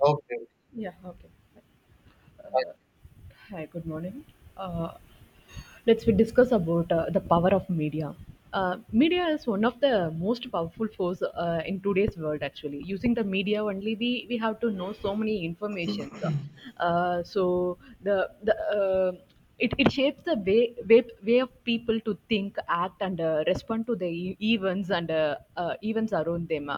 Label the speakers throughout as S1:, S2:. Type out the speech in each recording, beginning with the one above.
S1: Okay.
S2: Yeah, okay.
S1: I-
S2: Uh, Hi, good morning. Uh, let's we discuss about the power of media. Media is one of the most powerful force in today's world. Actually, using the media only, we have to know so many informations. So the It shapes the way of people to think, act, and respond to the events and events around them,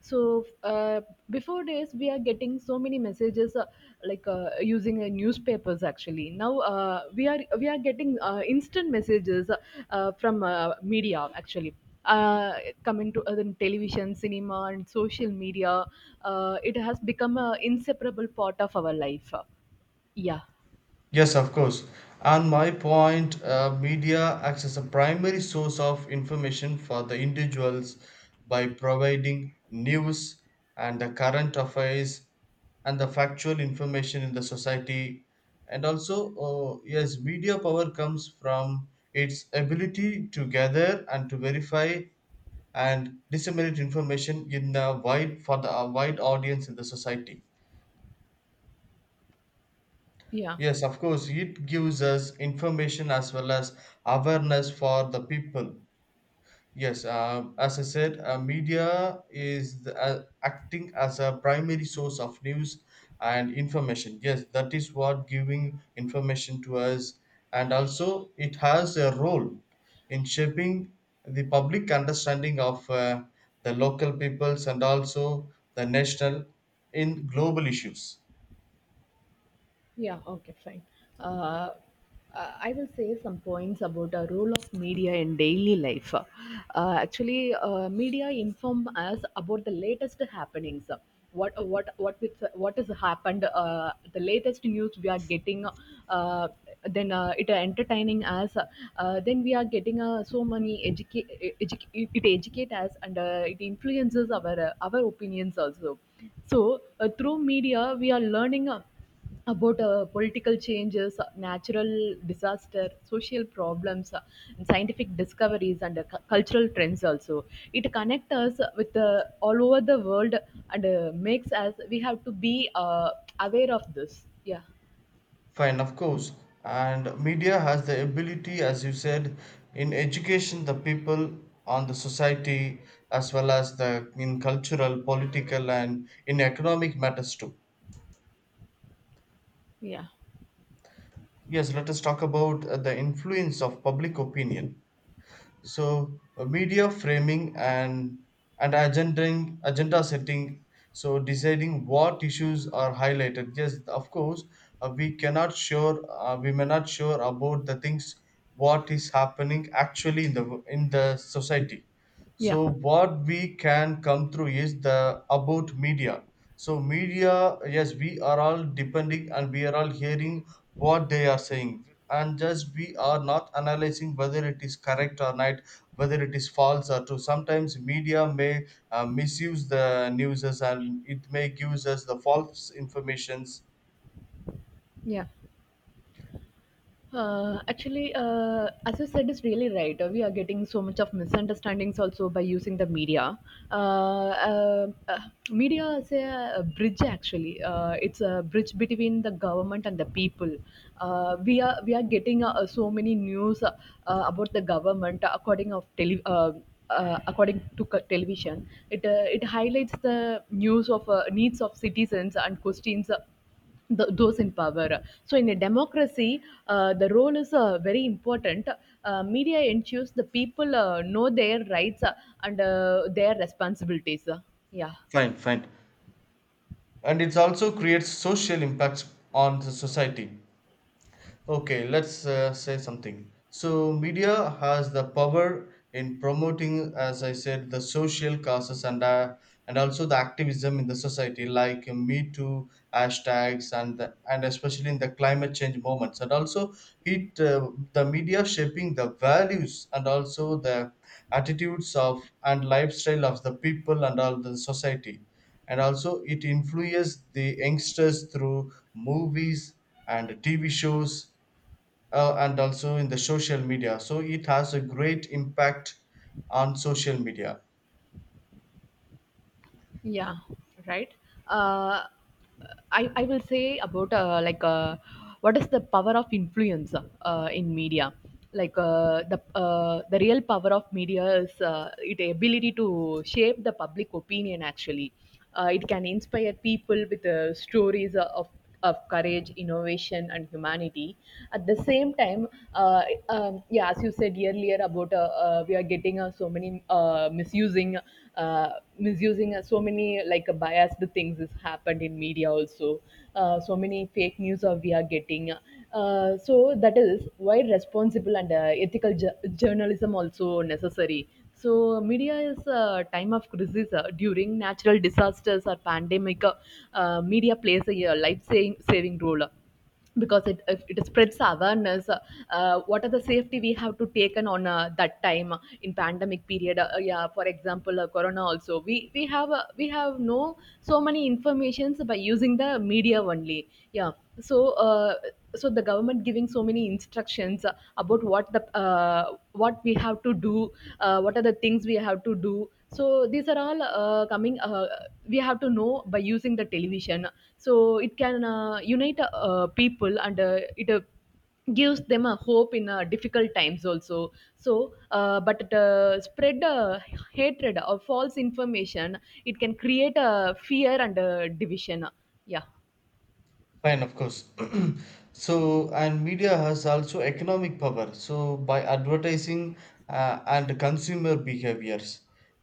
S2: so before days we are getting so many messages like using newspapers. Actually now we are getting instant messages from media. Actually uh, coming to the television, cinema, and social media, it has become an inseparable part of our life. yeah
S1: Yes, of course. And my point, media acts as a primary source of information for the individuals by providing news and the current affairs and the factual information in the society. And also, yes, media power comes from its ability to gather and to verify and disseminate information in a wide for the a wide audience in the society.
S2: yeah
S1: Yes, of course, it gives us information as well as awareness for the people. Yes, as I said, media is acting as a primary source of news and information. Yes, that is what giving information to us, and also it has a role in shaping the public understanding of the local peoples and also the national in global issues.
S2: Yeah, okay, fine. Uh, I will say some points about the role of media in daily life. Actually, media inform us about the latest happenings. What has happened? The latest news we are getting. Uh, then it entertaining us. Then we are getting so many it educate us and it influences our opinions also. So through media we are learning. About political changes, natural disaster, social problems, and scientific discoveries, and cultural trends also. It connects us with all over the world, and makes us we have to be aware of this. Yeah,
S1: Fine, of course. And media has the ability, as you said, in education the people on the society as well as the in cultural, political, and in economic matters too.
S2: yeah,
S1: Yes, let us talk about the influence of public opinion. So media framing and and agenda setting, so deciding what issues are highlighted. Yes, of course, we cannot sure, we may not sure about the things what is happening actually in the society,
S2: yeah,
S1: so what we can come through is the about media. So media, yes, we are all depending and we are all hearing what they are saying. And just we are not analyzing whether it is correct or not, whether it is false or true. Sometimes media may misuse the news and it may give us the false informations.
S2: yeah. Actually, as you said, is really right. We are getting so much of misunderstandings also by using the media. Uh, uh, uh, media is a bridge actually. It's a bridge between the government and the people. We are getting so many news about the government according of tele. According to television, it highlights the news of needs of citizens and questions the, those in power. So, in a democracy, the role is very important. Media ensures the people know their rights and their responsibilities. Yeah,
S1: Fine, fine. And it also creates social impacts on the society. Okay, let's say something. So, media has the power in promoting, as I said, the social causes and also the activism in the society, like Me Too hashtags and the, and especially in the climate change moments, and also it the media shaping the values and also the attitudes of and lifestyle of the people and all the society, and also it influences the youngsters through movies and TV shows and also in the social media, so it has a great impact on social media.
S2: yeah, right. Uh, I will say about like what is the power of influence in media, like the real power of media is its ability to shape the public opinion actually. It can inspire people with stories of courage, innovation, and humanity. At the same time, yeah, as you said earlier about we are getting so many uh, misusing so many, like biased things has happened in media also. So many fake news we are getting. So that is why responsible and ethical journalism also necessary. So media is a time of crisis during natural disasters or pandemic. Media plays a life-saving saving role because it spreads awareness what are the safety we have to taken on that time in pandemic period yeah. For example, corona also, we have we have no so many informations by using the media only. Yeah. So so the government giving so many instructions about what we have to do, what are the things we have to do, so these are all coming, we have to know by using the television. So it can unite people, and it gives them a hope in difficult times also. So but it, spread hatred or false information, it can create a fear and division. yeah
S1: Fine, of course. So, and media has also economic power. So, by advertising and consumer behaviors,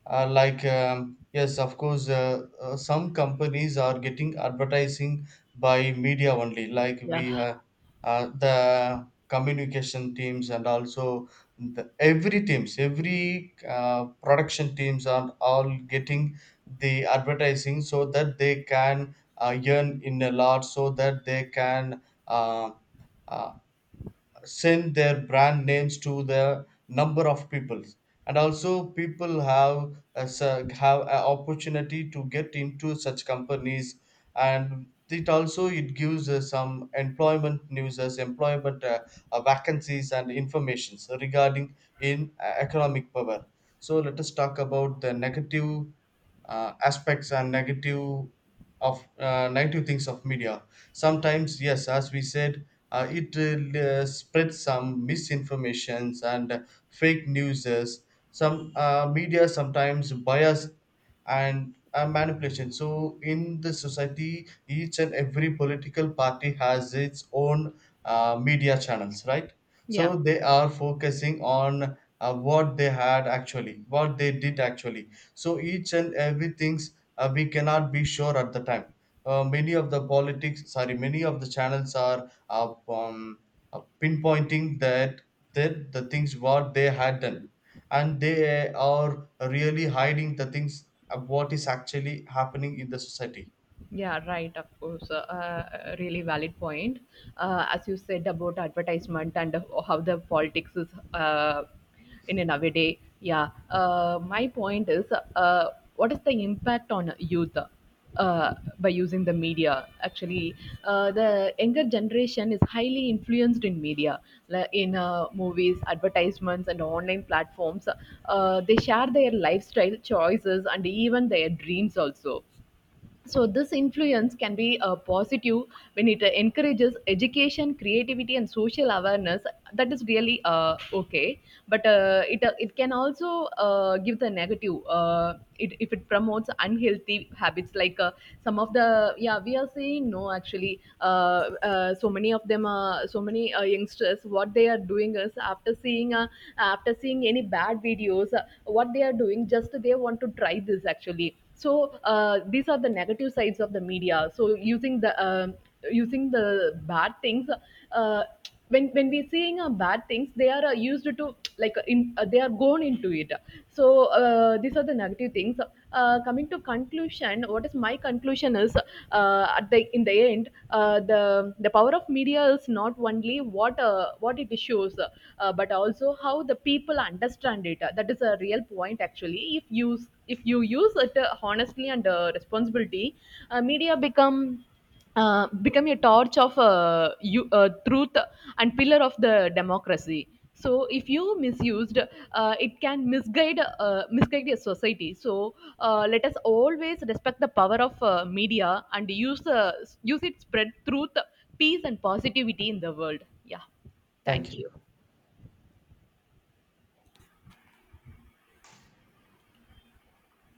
S1: yes, of course, some companies are getting advertising by media only. Like
S2: yeah
S1: we have the communication teams and also the, every teams, every production teams are all getting the advertising so that they can earn in a lot so that they can uh, uh, send their brand names to the number of people, and also people have have an opportunity to get into such companies, and it also it gives us some employment news as employment vacancies and informations regarding in economic power. So let us talk about the negative aspects and negative of negative things of media. Sometimes, yes, as we said, it spreads some misinformations and fake newses, some media sometimes bias and manipulation. So in the society, each and every political party has its own media channels, right?
S2: yeah
S1: So they are focusing on what they had actually, what they did actually, so each and every things, we cannot be sure at the time. Many of the politics, sorry, many of the channels are pinpointing that the things what they had done, and they are really hiding the things of what is actually happening in the society.
S2: Yeah, right, of course. Really valid point. As you said about advertisement and how the politics is uh, in a nowadays. Yeah, my point is what is the impact on youth uh, by using the media? Actually, the younger generation is highly influenced in media, like in movies, advertisements, and online platforms. They share their lifestyle choices and even their dreams also. So this influence can be positive when it encourages education, creativity, and social awareness. That is really okay, but it can also give the negative. It, if it promotes unhealthy habits, like some of the, yeah, we are seeing no actually. So many of them, so many youngsters, what they are doing is after seeing any bad videos, what they are doing, just they want to try this actually. So these are the negative sides of the media. So using the bad things, uh, when we're seeing bad things, they are used to, like in they are gone into it. So these are the negative things. Coming to conclusion, what is my conclusion is at the in the end, the power of media is not only what it shows, but also how the people understand it and data. That is a real point actually. If you, if you use it honestly and responsibility, media become a torch of truth and pillar of the democracy. So if you misused, it can misguide your society. So let us always respect the power of media and use use it spread truth, peace, and positivity in the world. Yeah,
S1: Thank
S2: thank
S1: you.
S2: you.